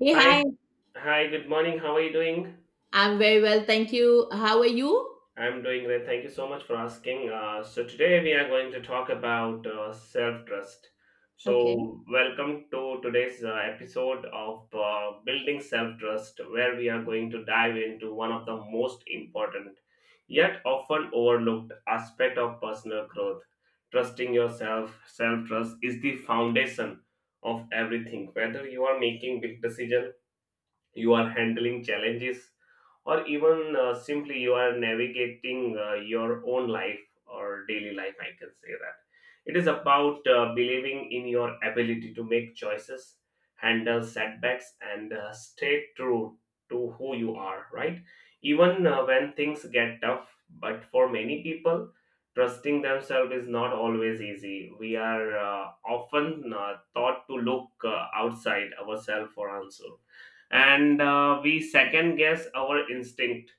Hey, Hi, hi. hi, good morning. How are you doing? I'm very well. Thank you. How are you? I'm doing great. Thank you so much for asking. So, today we are going to talk about self trust. Okay. So, welcome to today's episode of Building Self Trust, where we are going to dive into one of the most important yet often overlooked aspect of personal growth. Trusting yourself, self trust is the foundation of everything, whether you are making big decisions, you are handling challenges, or even simply you are navigating your own life or daily life, I can say that. It is about believing in your ability to make choices, handle setbacks, and stay true to who you are, right? Even when things get tough, but for many people, trusting themselves is not always easy. We are often taught to look outside ourselves for answer, and we second guess our instinct,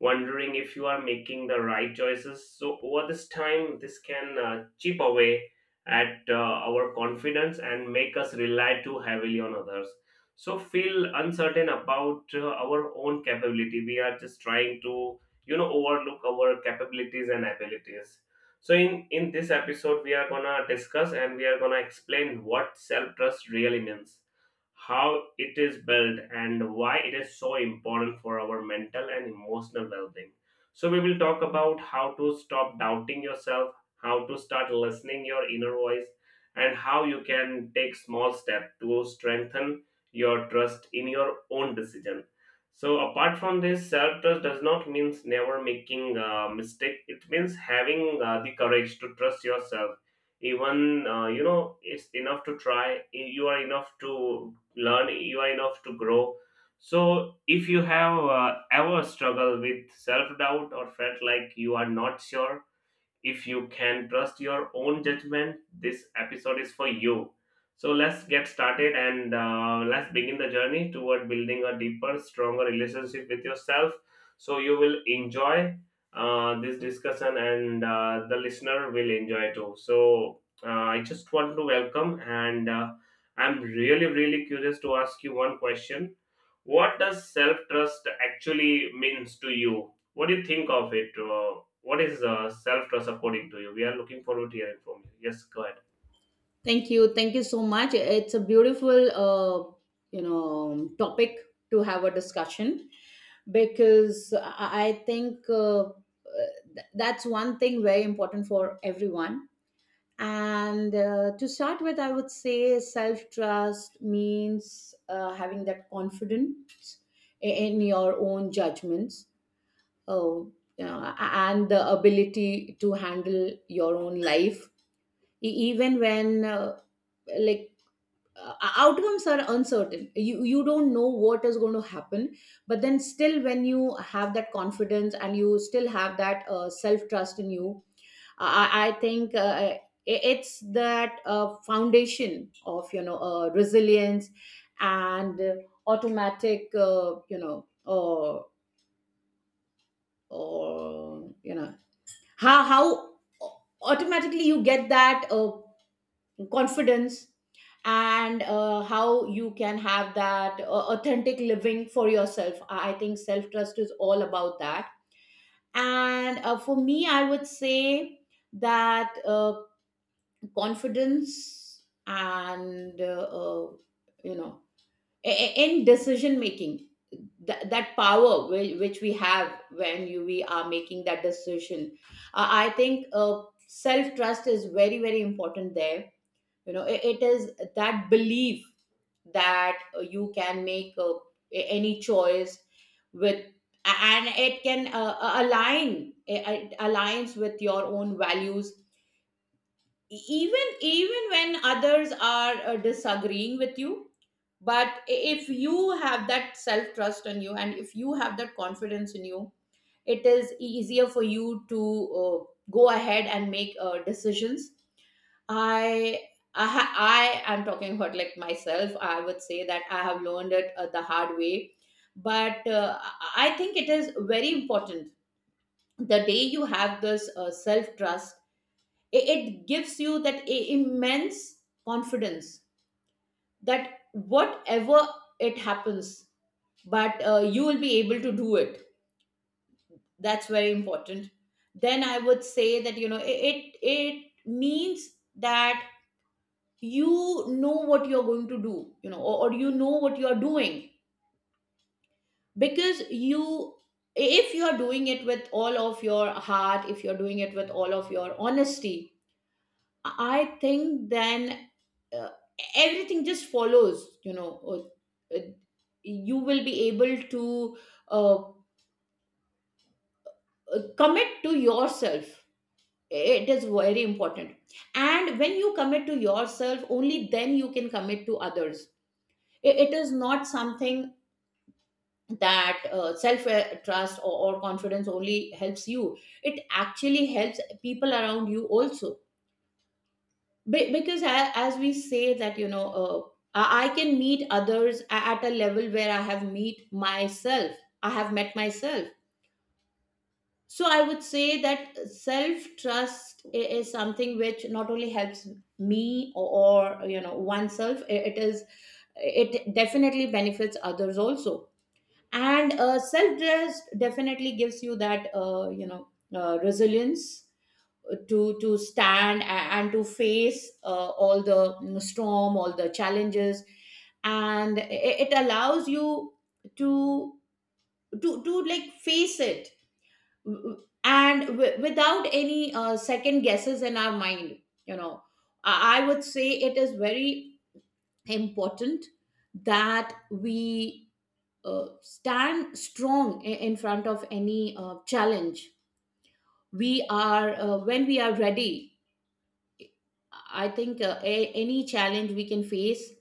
wondering if you are making the right choices. So over this time, this can chip away at our confidence and make us rely too heavily on others, so feel uncertain about our own capability. We are just trying to overlook our capabilities and abilities. So in this episode, we are gonna discuss and we are gonna explain what self trust really means, how it is built, and why it is so important for our mental and emotional well-being. So we will talk about how to stop doubting yourself, how to start listening your inner voice, and how you can take small steps to strengthen your trust in your own decision. So apart from this, self-trust does not mean never making a mistake. It means having the courage to trust yourself, even you know it's enough to try, you are enough to learn, even enough to grow. So, if you have ever struggled with self doubt or felt like you are not sure if you can trust your own judgment, this episode is for you. So let's get started, and let's begin the journey toward building a deeper, stronger relationship with yourself. So you will enjoy this discussion, and the listener will enjoy too. So I just want to welcome, and I'm really, really curious to ask you one question: what does self trust actually means to you? What do you think of it? What is self trust according to you? We are looking forward to hearing from you. Yes, go ahead. Thank you. Thank you so much. It's a beautiful, topic to have a discussion, because I think that's one thing very important for everyone. And to start with, I would say self trust means having that confidence in your own judgments, oh, and the ability to handle your own life, even when like, outcomes are uncertain. You don't know what is going to happen, but then still, when you have that confidence and you still have that self trust in you, I think. I- it's that foundation of resilience, and automatic, or how uh, automatically you get that confidence, and how you can have that authentic living for yourself. I think self trust is all about that. And for me, I would say that confidence, and you know in decision making, that power which we have when we are making that decision, I think self trust is very, very important there. It is that belief that you can make any choice with, and it can, align it it aligns with your own values, even when others are disagreeing with you. But if you have that self trust in you and if you have that confidence in you, it is easier for you to uh, go ahead and make decisions. i I am talking about, like, myself. I would say that I have learned it the hard way, but I think it is very important. The day you have this self trust, it gives you that immense confidence that whatever it happens, but you will be able to do it. That's very important. Then I would say that, it means that you know what you're going to do. Or, you know what you're doing, because you if you are doing it with all of your heart, if you're doing it with all of your honesty, I think then, uh, everything just follows, you know. uh, uh, You will be able to uh, commit to yourself. It is very important. And when you commit to yourself, only then you can commit to others. It is not something that self trust or confidence only helps you, it actually helps people around you also. As we say that, I can meet others at a level where I have met myself. So I would say that self trust is something which not only helps me, or, oneself, it definitely benefits others also. And self trust definitely gives you that resilience to stand, and to face all the, storm, all the challenges, and it allows you to like face it, without any second guesses in our mind you know I would say it is very important that we uh, stand strong in front of any challenge. We are When we are ready, I think any challenge we can face,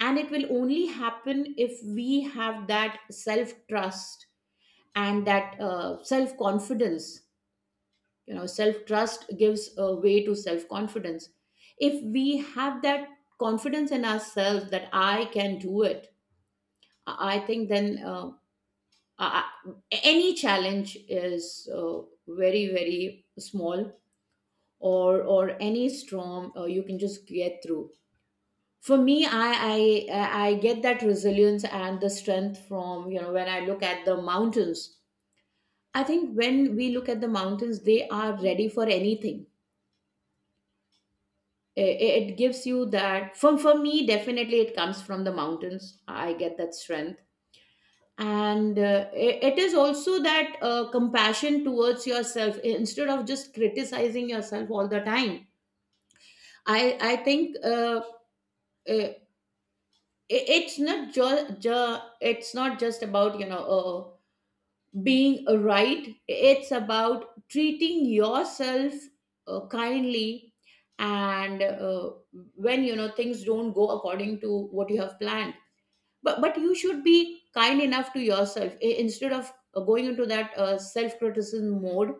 and it will only happen if we have that self trust and that self confidence. You know, self trust gives a way to self confidence. If we have that confidence in ourselves that I can do it, I think then, I, I- any challenge is very, very small, or any storm, you can just get through. For me, I get that resilience and the strength from, when I look at the mountains. I think when we look at the mountains, they are ready for anything. It gives you that. For me, definitely it comes from the mountains. I get that strength. And it is also that compassion towards yourself instead of just criticizing yourself all the time. I i think uh, it's not just about, being right. It's about treating yourself kindly, and when things don't go according to what you have planned. But you should be kind enough to yourself, instead of going into that self-criticism mode.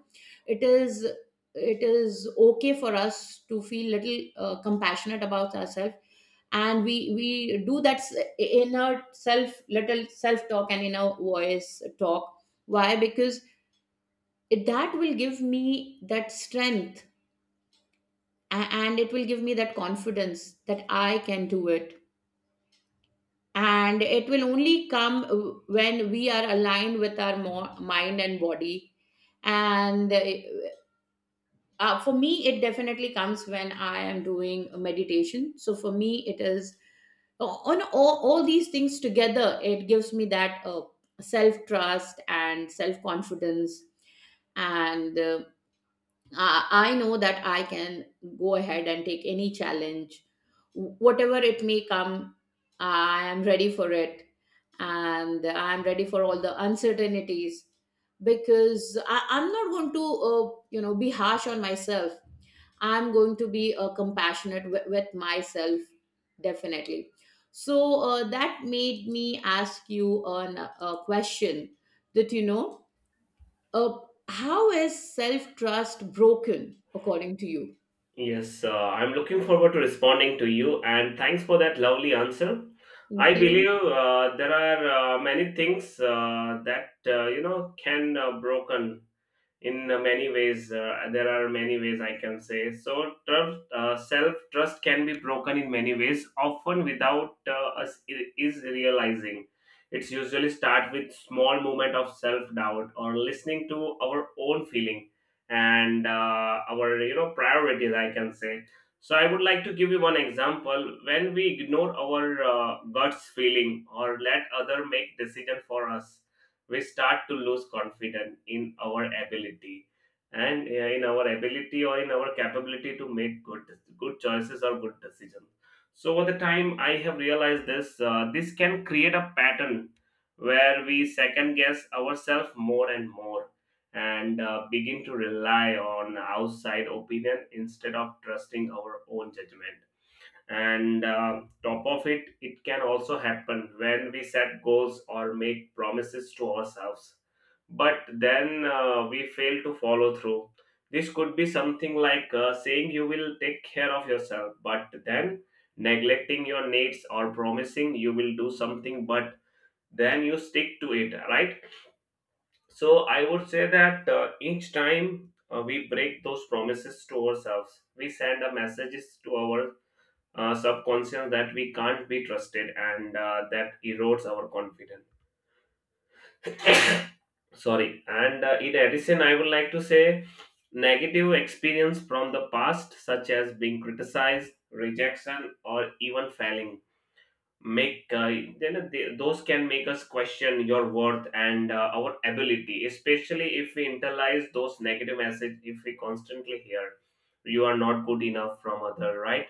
It is it is okay for us to feel little compassionate about ourselves, and we do that inner self little self talk and inner voice talk. Why? Because that will give me that strength, a- and it will give me that confidence that I can do it, and it will only come when we are aligned with our mind and body. And for me, it definitely comes when I am doing a meditation. So for me, it is, on all these things together, it gives me that self trust and self confidence. And I know that I can go ahead and take any challenge, whatever it may come, I am ready for it. And I'm ready for all the uncertainties, because I'm not going to, be harsh on myself. I'm going to be compassionate with myself, definitely. So that made me ask you a question, that, uh, how is self trust broken according to you? Yes, I'm looking forward to responding to you, and thanks for that lovely answer. I Thank you. believe there are many things that can broken in many ways. There are many ways I can say. So, self trust can be broken in many ways, often without us is realizing. It's usually start with small moment of self doubt or listening to our own feeling and our priorities, I can say. So I would like to give you one example. When we ignore our guts feeling or let other make decision for us, we start to lose confidence in our ability, and in our ability or in our capability to make good choices or good decisions. So over the time, I have realized this can create a pattern where we second guess ourselves more and more, and begin to rely on outside opinion instead of trusting our own judgment. And top of it can also happen when we set goals or make promises to ourselves, but then we fail to follow through. This could be something like saying you will take care of yourself but then neglecting your needs, or promising you will do something but then you stick to it, right? So I would say that each time we break those promises to ourselves, we send a messages to our subconscious that we can't be trusted, and that erodes our confidence. Sorry, and in addition, I would like to say negative experience from the past, such as being criticized, rejection, or even failing, make those can make us question your worth and our ability, especially if we internalize those negative messages. If we constantly hear "you are not good enough" from other, right?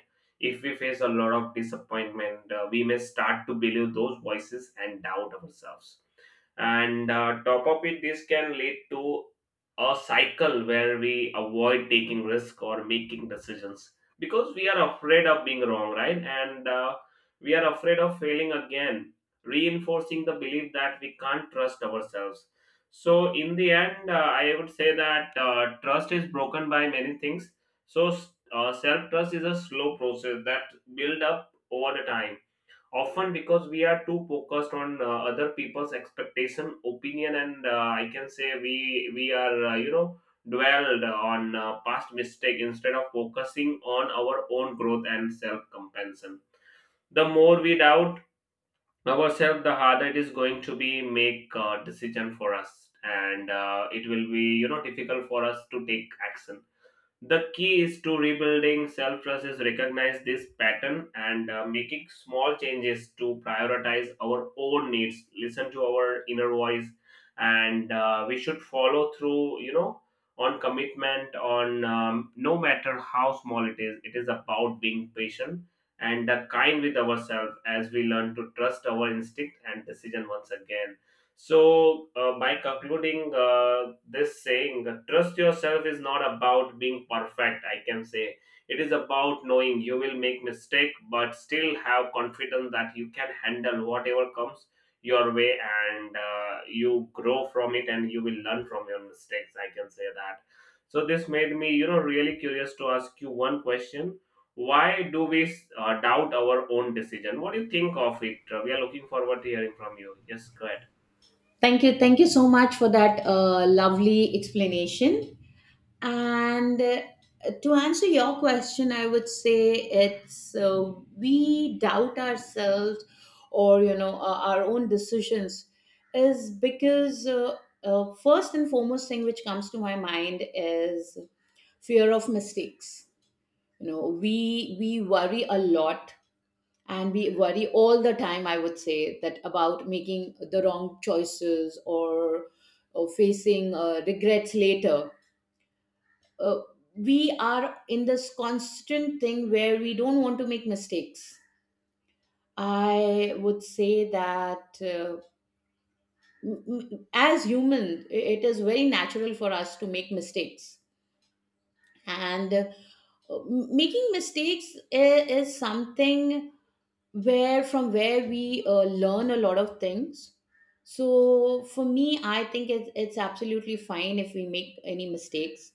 If we face a lot of disappointment, we may start to believe those voices and doubt ourselves. And top up it, this can lead to a cycle where we avoid taking risk or making decisions, because we are afraid of being wrong, right? And we are afraid of failing again, reinforcing the belief that we can't trust ourselves. So in the end, I would say that trust is broken by many things. So self trust is a slow process that build up over the time, often because we are too focused on other people's expectation, opinion, and I can say we are dwelled on past mistake instead of focusing on our own growth and self compassion. The more we doubt ourselves, the harder it is going to be make a decision for us, and it will be difficult for us to take action. The key is to rebuilding self trust is recognize this pattern, and making small changes to prioritize our own needs, listen to our inner voice, and we should follow through. You know, on commitment, on no matter how small it is. It is about being patient and kind with ourselves as we learn to trust our instinct and decision once again. So, by concluding this saying, trust yourself is not about being perfect, I can say. It is about knowing you will make mistake, but still have confidence that you can handle whatever comes your way, and you grow from it, and you will learn from your mistakes, I can say that. So, this made me really curious to ask you one question. Why do we doubt our own decision? What do you think of it? We are looking forward to hearing from you. Yes, go ahead. Thank you. Thank you so much for that lovely explanation. And to answer your question, I would say it's, we doubt ourselves, or our own decisions, is because first and foremost thing which comes to my mind is fear of mistakes. You know, we worry a lot, and we worry all the time. I would say that, about making the wrong choices, or facing regrets later. uh, we are in this constant thing where we don't want to make mistakes. I would say that, as human, it is very natural for us to make mistakes, and making mistakes is something, where from where we learn a lot of things. So for me, I think it's absolutely fine if we make any mistakes.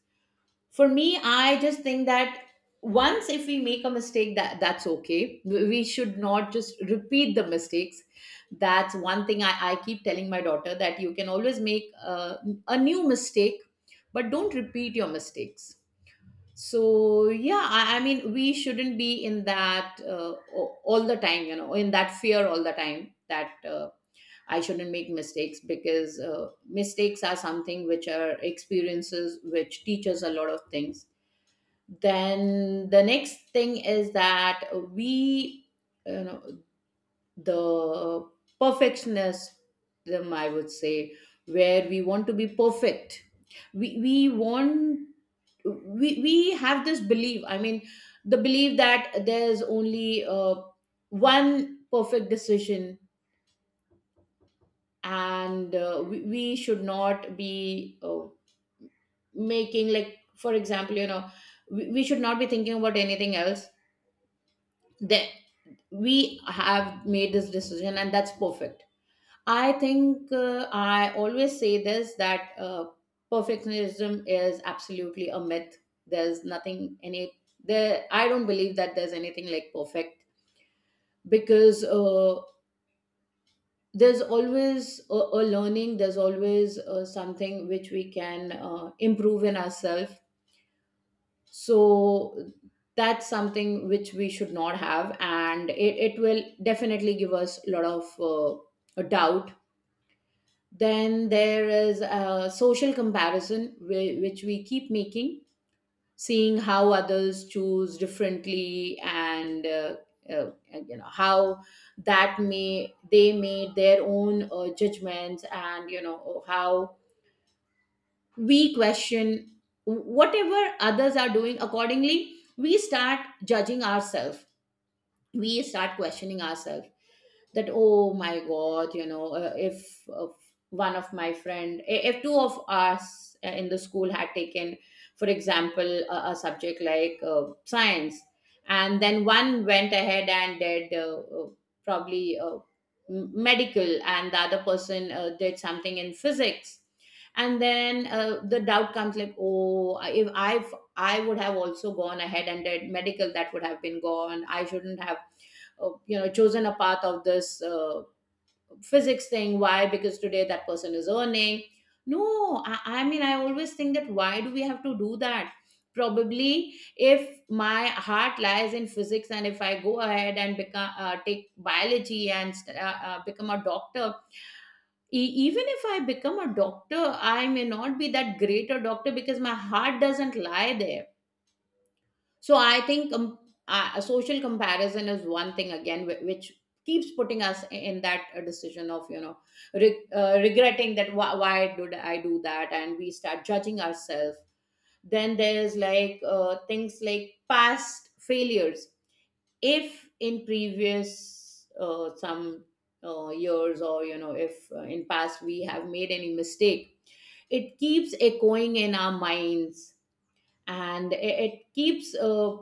For me, I just think that, once if we make a mistake, that's okay, we should not just repeat the mistakes. That's one thing I keep telling my daughter, that you can always make a new mistake, but don't repeat your mistakes. So, yeah, I mean, we shouldn't be in that, all the time, you know, in that fear all the time, that I shouldn't make mistakes, because mistakes are something which are experiences which teach us a lot of things. Then the next thing is that, we you know the perfectionism, I would say, where we want to be perfect. we we want we have this belief, I mean, the belief that there's only one perfect decision, and we should not be making, like, for example, we should not be thinking about anything else. We have made this decision and that's perfect. I think, I always say this, that perfectionism is absolutely a myth. There's nothing any there I don't believe that there's anything like perfect, because there's always a learning, there's always something which we can improve in ourselves. So that's something which we should not have, and it will definitely give us a lot of doubt. Then there is a social comparison which we keep making, seeing how others choose differently, and you know, how that may they made their own judgments, and you know how we question. Whatever others are doing, accordingly we start judging ourselves, we start questioning ourselves, that, oh my god, if one of my friend I- if two of us, in the school, had taken, for example, a subject like, science, and then one went ahead and did, probably, medical, and the other person did something in physics. And then the doubt comes like, oh, if I I would have also gone ahead and did medical, that would have been gone, I shouldn't have chosen a path of this physics thing. Why? Because today that person is earning. No, I mean, I always think that, why do we have to do that? Probably if my heart lies in physics And if I go ahead and become take biology and become a doctor, even if I become a doctor I may not be that great a doctor because my heart doesn't lie there. So I think a social comparison is one thing, again, which keeps putting us in that decision of regretting that why did I do that, and we start judging ourselves. Then there's like things like past failures. If in previous some years, or you know, if in past we have made any mistake, it keeps echoing in our minds and it keeps uh,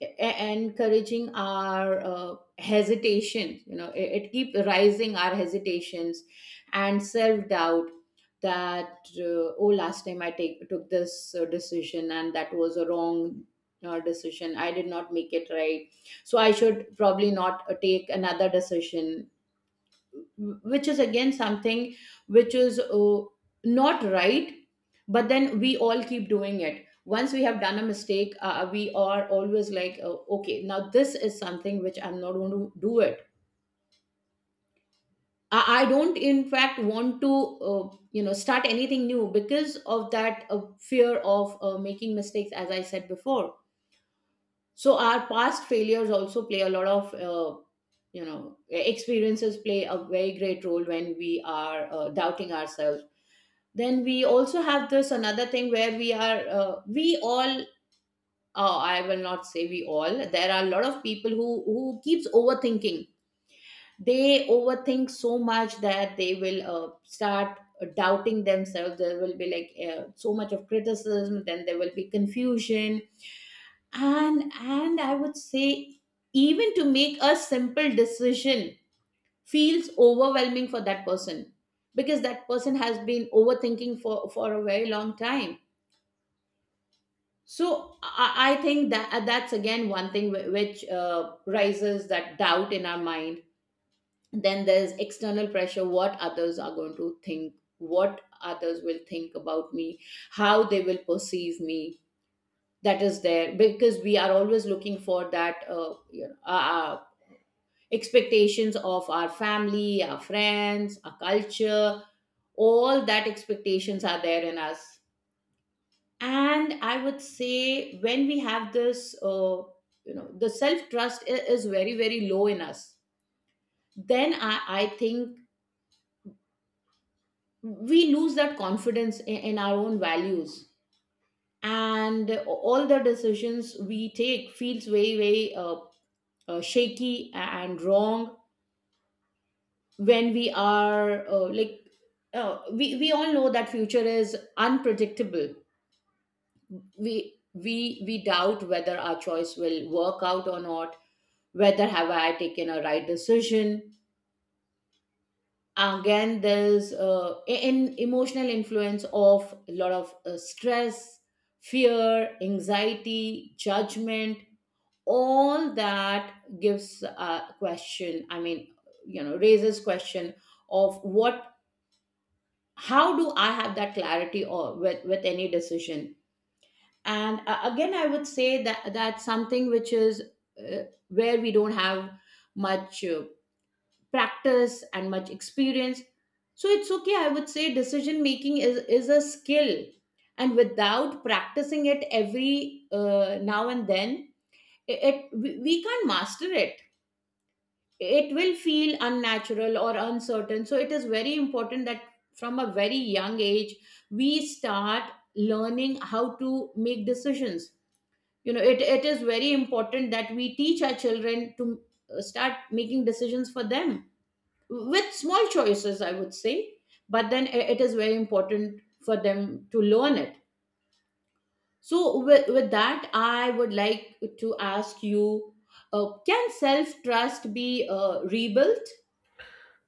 e- encouraging our hesitation. You know, it keep rising our hesitations and self-doubt, that oh, last time I took this decision and that was a wrong decision, I did not make it right, so I should probably not take another decision which is again something which is not right. But then we all keep doing it. Once we have done a mistake, we are always like, okay, now this is something which I'm not going to do it. I don't in fact want to start anything new because of that fear of making mistakes, as I said before. So our past failures also play a lot of experiences play a very great role when we are doubting ourselves. Then we also have this another thing where we are we all, I will not say we all, there are a lot of people who keeps overthinking. They overthink so much that they will start doubting themselves. There will be like so much of criticism, then there will be confusion, and and I would say even to make a simple decision feels overwhelming for that person, because that person has been overthinking for a very long time. So I think that that's again one thing which raises that doubt in our mind. Then there's external pressure: what others are going to think, what others will think about me, how they will perceive me. That is there because we are always looking for that, expectations of our family, our friends, our culture. All that expectations are there in us, and I would say when we have this, the self trust is very very low in us, then i think we lose that confidence in our own values, and all the decisions we take feels very very shaky and wrong. When we are like, we all know that future is unpredictable. We we doubt whether our choice will work out or not, whether have I taken a right decision. Again, there's an emotional influence of a lot of stress, fear, anxiety, judgment, all that gives a question, I mean, you know, raises question of what, how do I have that clarity or with any decision. And again, I would say that that's something which is uh, where we don't have much practice and much experience. So it's okay, I would say decision making is a skill, and without practicing it every now and then, it we can't master it. It will feel unnatural or uncertain, so it is very important that from a very young age we start learning how to make decisions. You know, it is very important that we teach our children to start making decisions for them, with small choices, I would say. But then it is very important for them to learn it. So with that, I would like to ask you, can self-trust be rebuilt?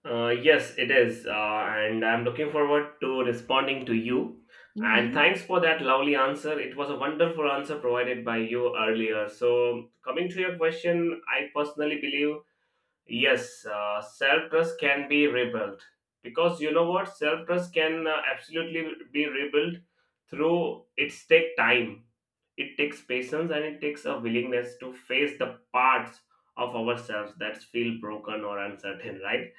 Yes, it is. And I'm looking forward to responding to you. And Hmm. thanks for that lovely answer. It was a wonderful answer provided by you earlier. So, coming to your question, I personally believe yes, self trust can be rebuilt, because you know what? Self trust can absolutely be rebuilt through it's take time, it takes patience, and it takes a willingness to face the parts of ourselves that feel broken or uncertain, right?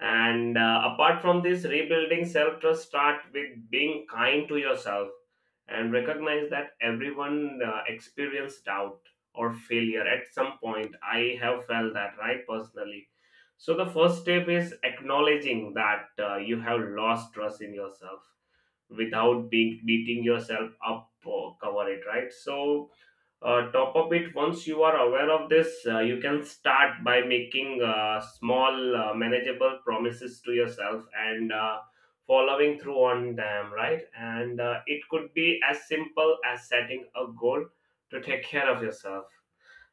And apart from this, rebuilding self trust start with being kind to yourself and recognize that everyone experience doubt or failure at some point. I have felt that right personally. So the first step is acknowledging that you have lost trust in yourself without being beating yourself up or cover it, right? So top up it, once you are aware of this, you can start by making small manageable promises to yourself and following through on them, right? And it could be as simple as setting a goal to take care of yourself,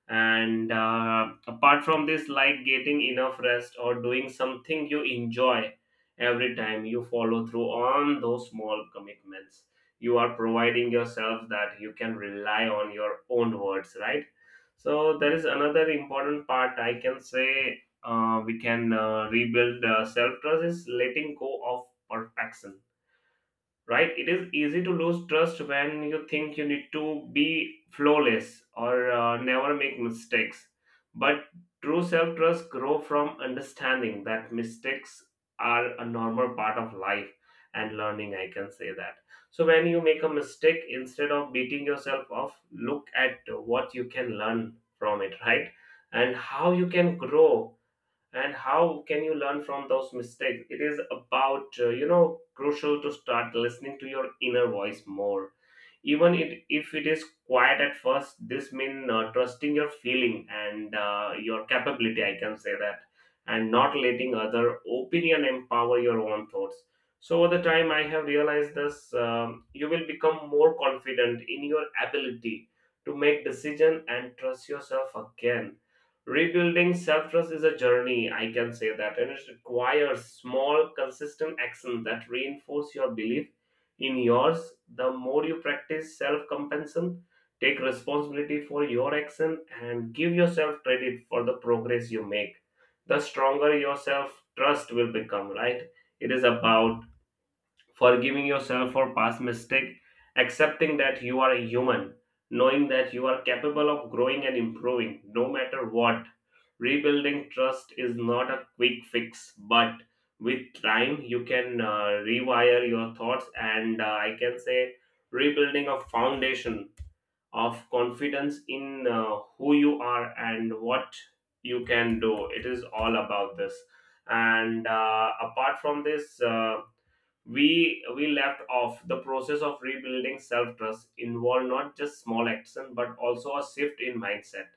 and apart from this, like getting enough rest or doing something you enjoy. Every time you follow through on those small commitments, you are providing yourself that you can rely on your own words, right? So there is another important part, I can say we can rebuild self trust, is letting go of perfection, right? It is easy to lose trust when you think you need to be flawless or never make mistakes. But true self trust grow from understanding that mistakes are a normal part of life and learning, I can say that. So when you make a mistake, instead of beating yourself off, look at what you can learn from it, right? And how you can grow, and how can you learn from those mistakes. It is about crucial to start listening to your inner voice more, even if it is quiet at first. This means trusting your feeling and your capability, I can say that. And not letting other opinion empower your own thoughts. So over the time, I have realized this you will become more confident in your ability to make decision and trust yourself again. Rebuilding self-trust is a journey, I can say that, and it requires small consistent action that reinforce your belief in yours. The more you practice self compassion, take responsibility for your action, and give yourself credit for the progress you make, the stronger your self trust will become, right? It is about forgiving yourself for past mistake, accepting that you are a human, knowing that you are capable of growing and improving no matter what. Rebuilding trust is not a quick fix, but with time you can rewire your thoughts, and I can say rebuilding a foundation of confidence in who you are and what you can do. It is all about this. And apart from this, we left off the process of rebuilding self-trust involved not just small action but also a shift in mindset.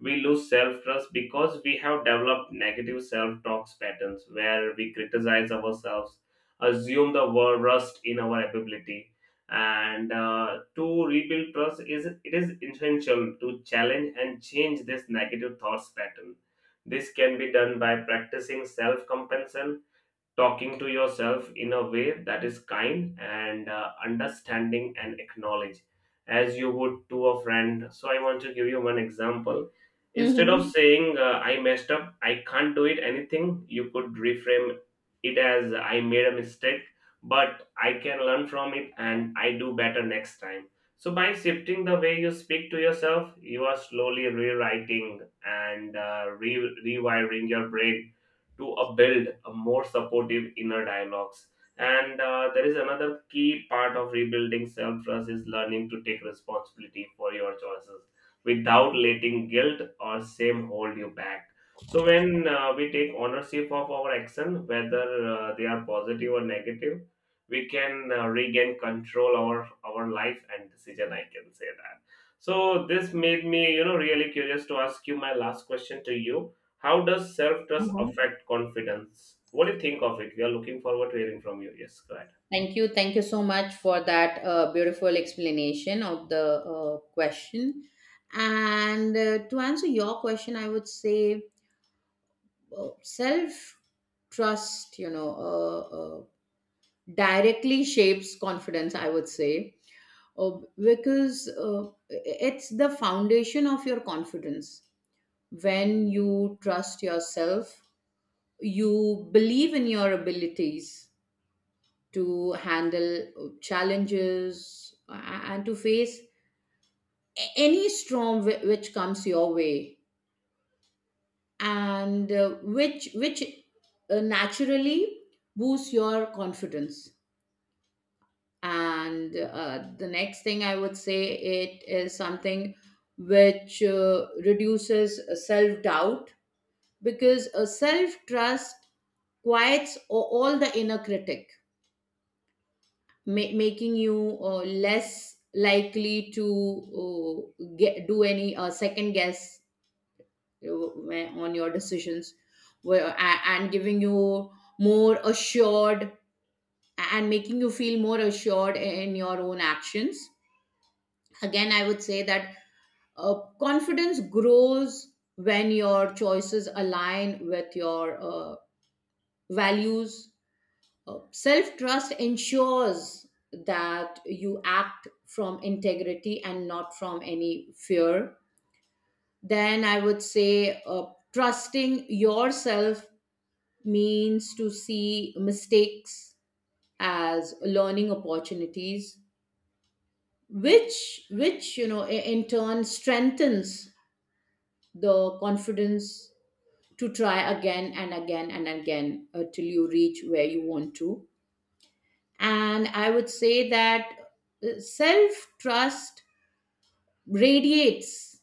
We lose self-trust because we have developed negative self-talk patterns where we criticize ourselves, assume the worst in our ability, and to rebuild trust is, it is essential to challenge and change this negative thoughts pattern. This can be done by practicing self-compassion, talking to yourself in a way that is kind and understanding and acknowledge as you would to a friend. So I want to give you one example. Instead of Hmm. saying "I messed up, I can't do it anything," you could reframe it as "I made a mistake, but I can learn from it and I do better next time." So by shifting the way you speak to yourself, you are slowly rewriting and rewiring your brain to build a more supportive inner dialogues. And there is another key part of rebuilding self trust is learning to take responsibility for your choices without letting guilt or shame hold you back. So when we take ownership of our action, whether they are positive or negative, we can regain control over our life and decision, I can say that. So this made me really curious to ask you my last question to you: how does self trust affect confidence? What do you think of it? We are looking forward to hearing from you. Yes, go ahead. Thank you. Thank you so much for that beautiful explanation of the question. And to answer your question, I would say self trust, you know, directly shapes confidence, I would say, uh, because it's the foundation of your confidence. When you trust yourself, you believe in your abilities to handle challenges and to face any storm which comes your way, and which naturally boosts your confidence. And the next thing I would say, it is something which reduces self doubt, because self trust quiets all the inner critic, making you less likely to do any second guess on your decisions, and giving you more assured, and making you feel more assured in your own actions. Again, I would say that confidence grows when your choices align with your values. Self trust ensures that you act from integrity and not from any fear. Then I would say trusting yourself means to see mistakes as learning opportunities, which you know in turn strengthens the confidence to try again and again and again, till you reach where you want to. And I would say that self trust radiates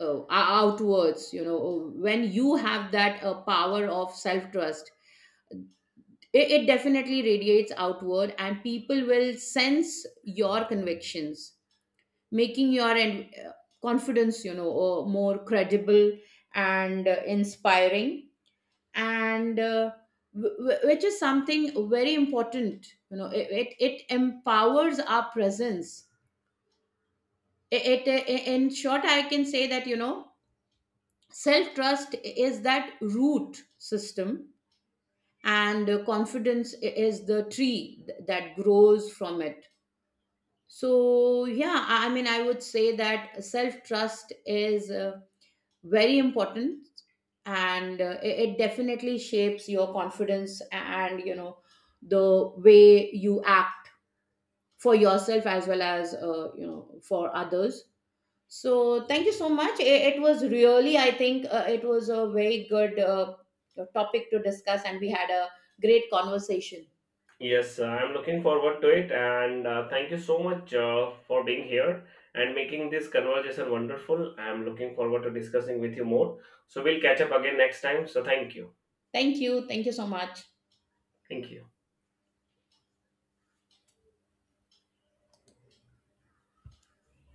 outwards. You know, when you have that power of self trust, it definitely radiates outward, and people will sense your convictions, making your confidence, you know, more credible and inspiring, and which is something very important. You know, it empowers our presence. It in short, I can say that, you know, self trust is that root system, and confidence is the tree that grows from it. So yeah, I mean, I would say that self trust is very important, and it definitely shapes your confidence, and you know, the way you act for yourself as well as for others. So thank you so much. It was really, I think, it was a very good topic to discuss, and we had a great conversation. Yes, I'm looking forward to it, and thank you so much for being here and making this conversation wonderful. I'm looking forward to discussing with you more. So we'll catch up again next time. So thank you. Thank you. Thank you so much. Thank you.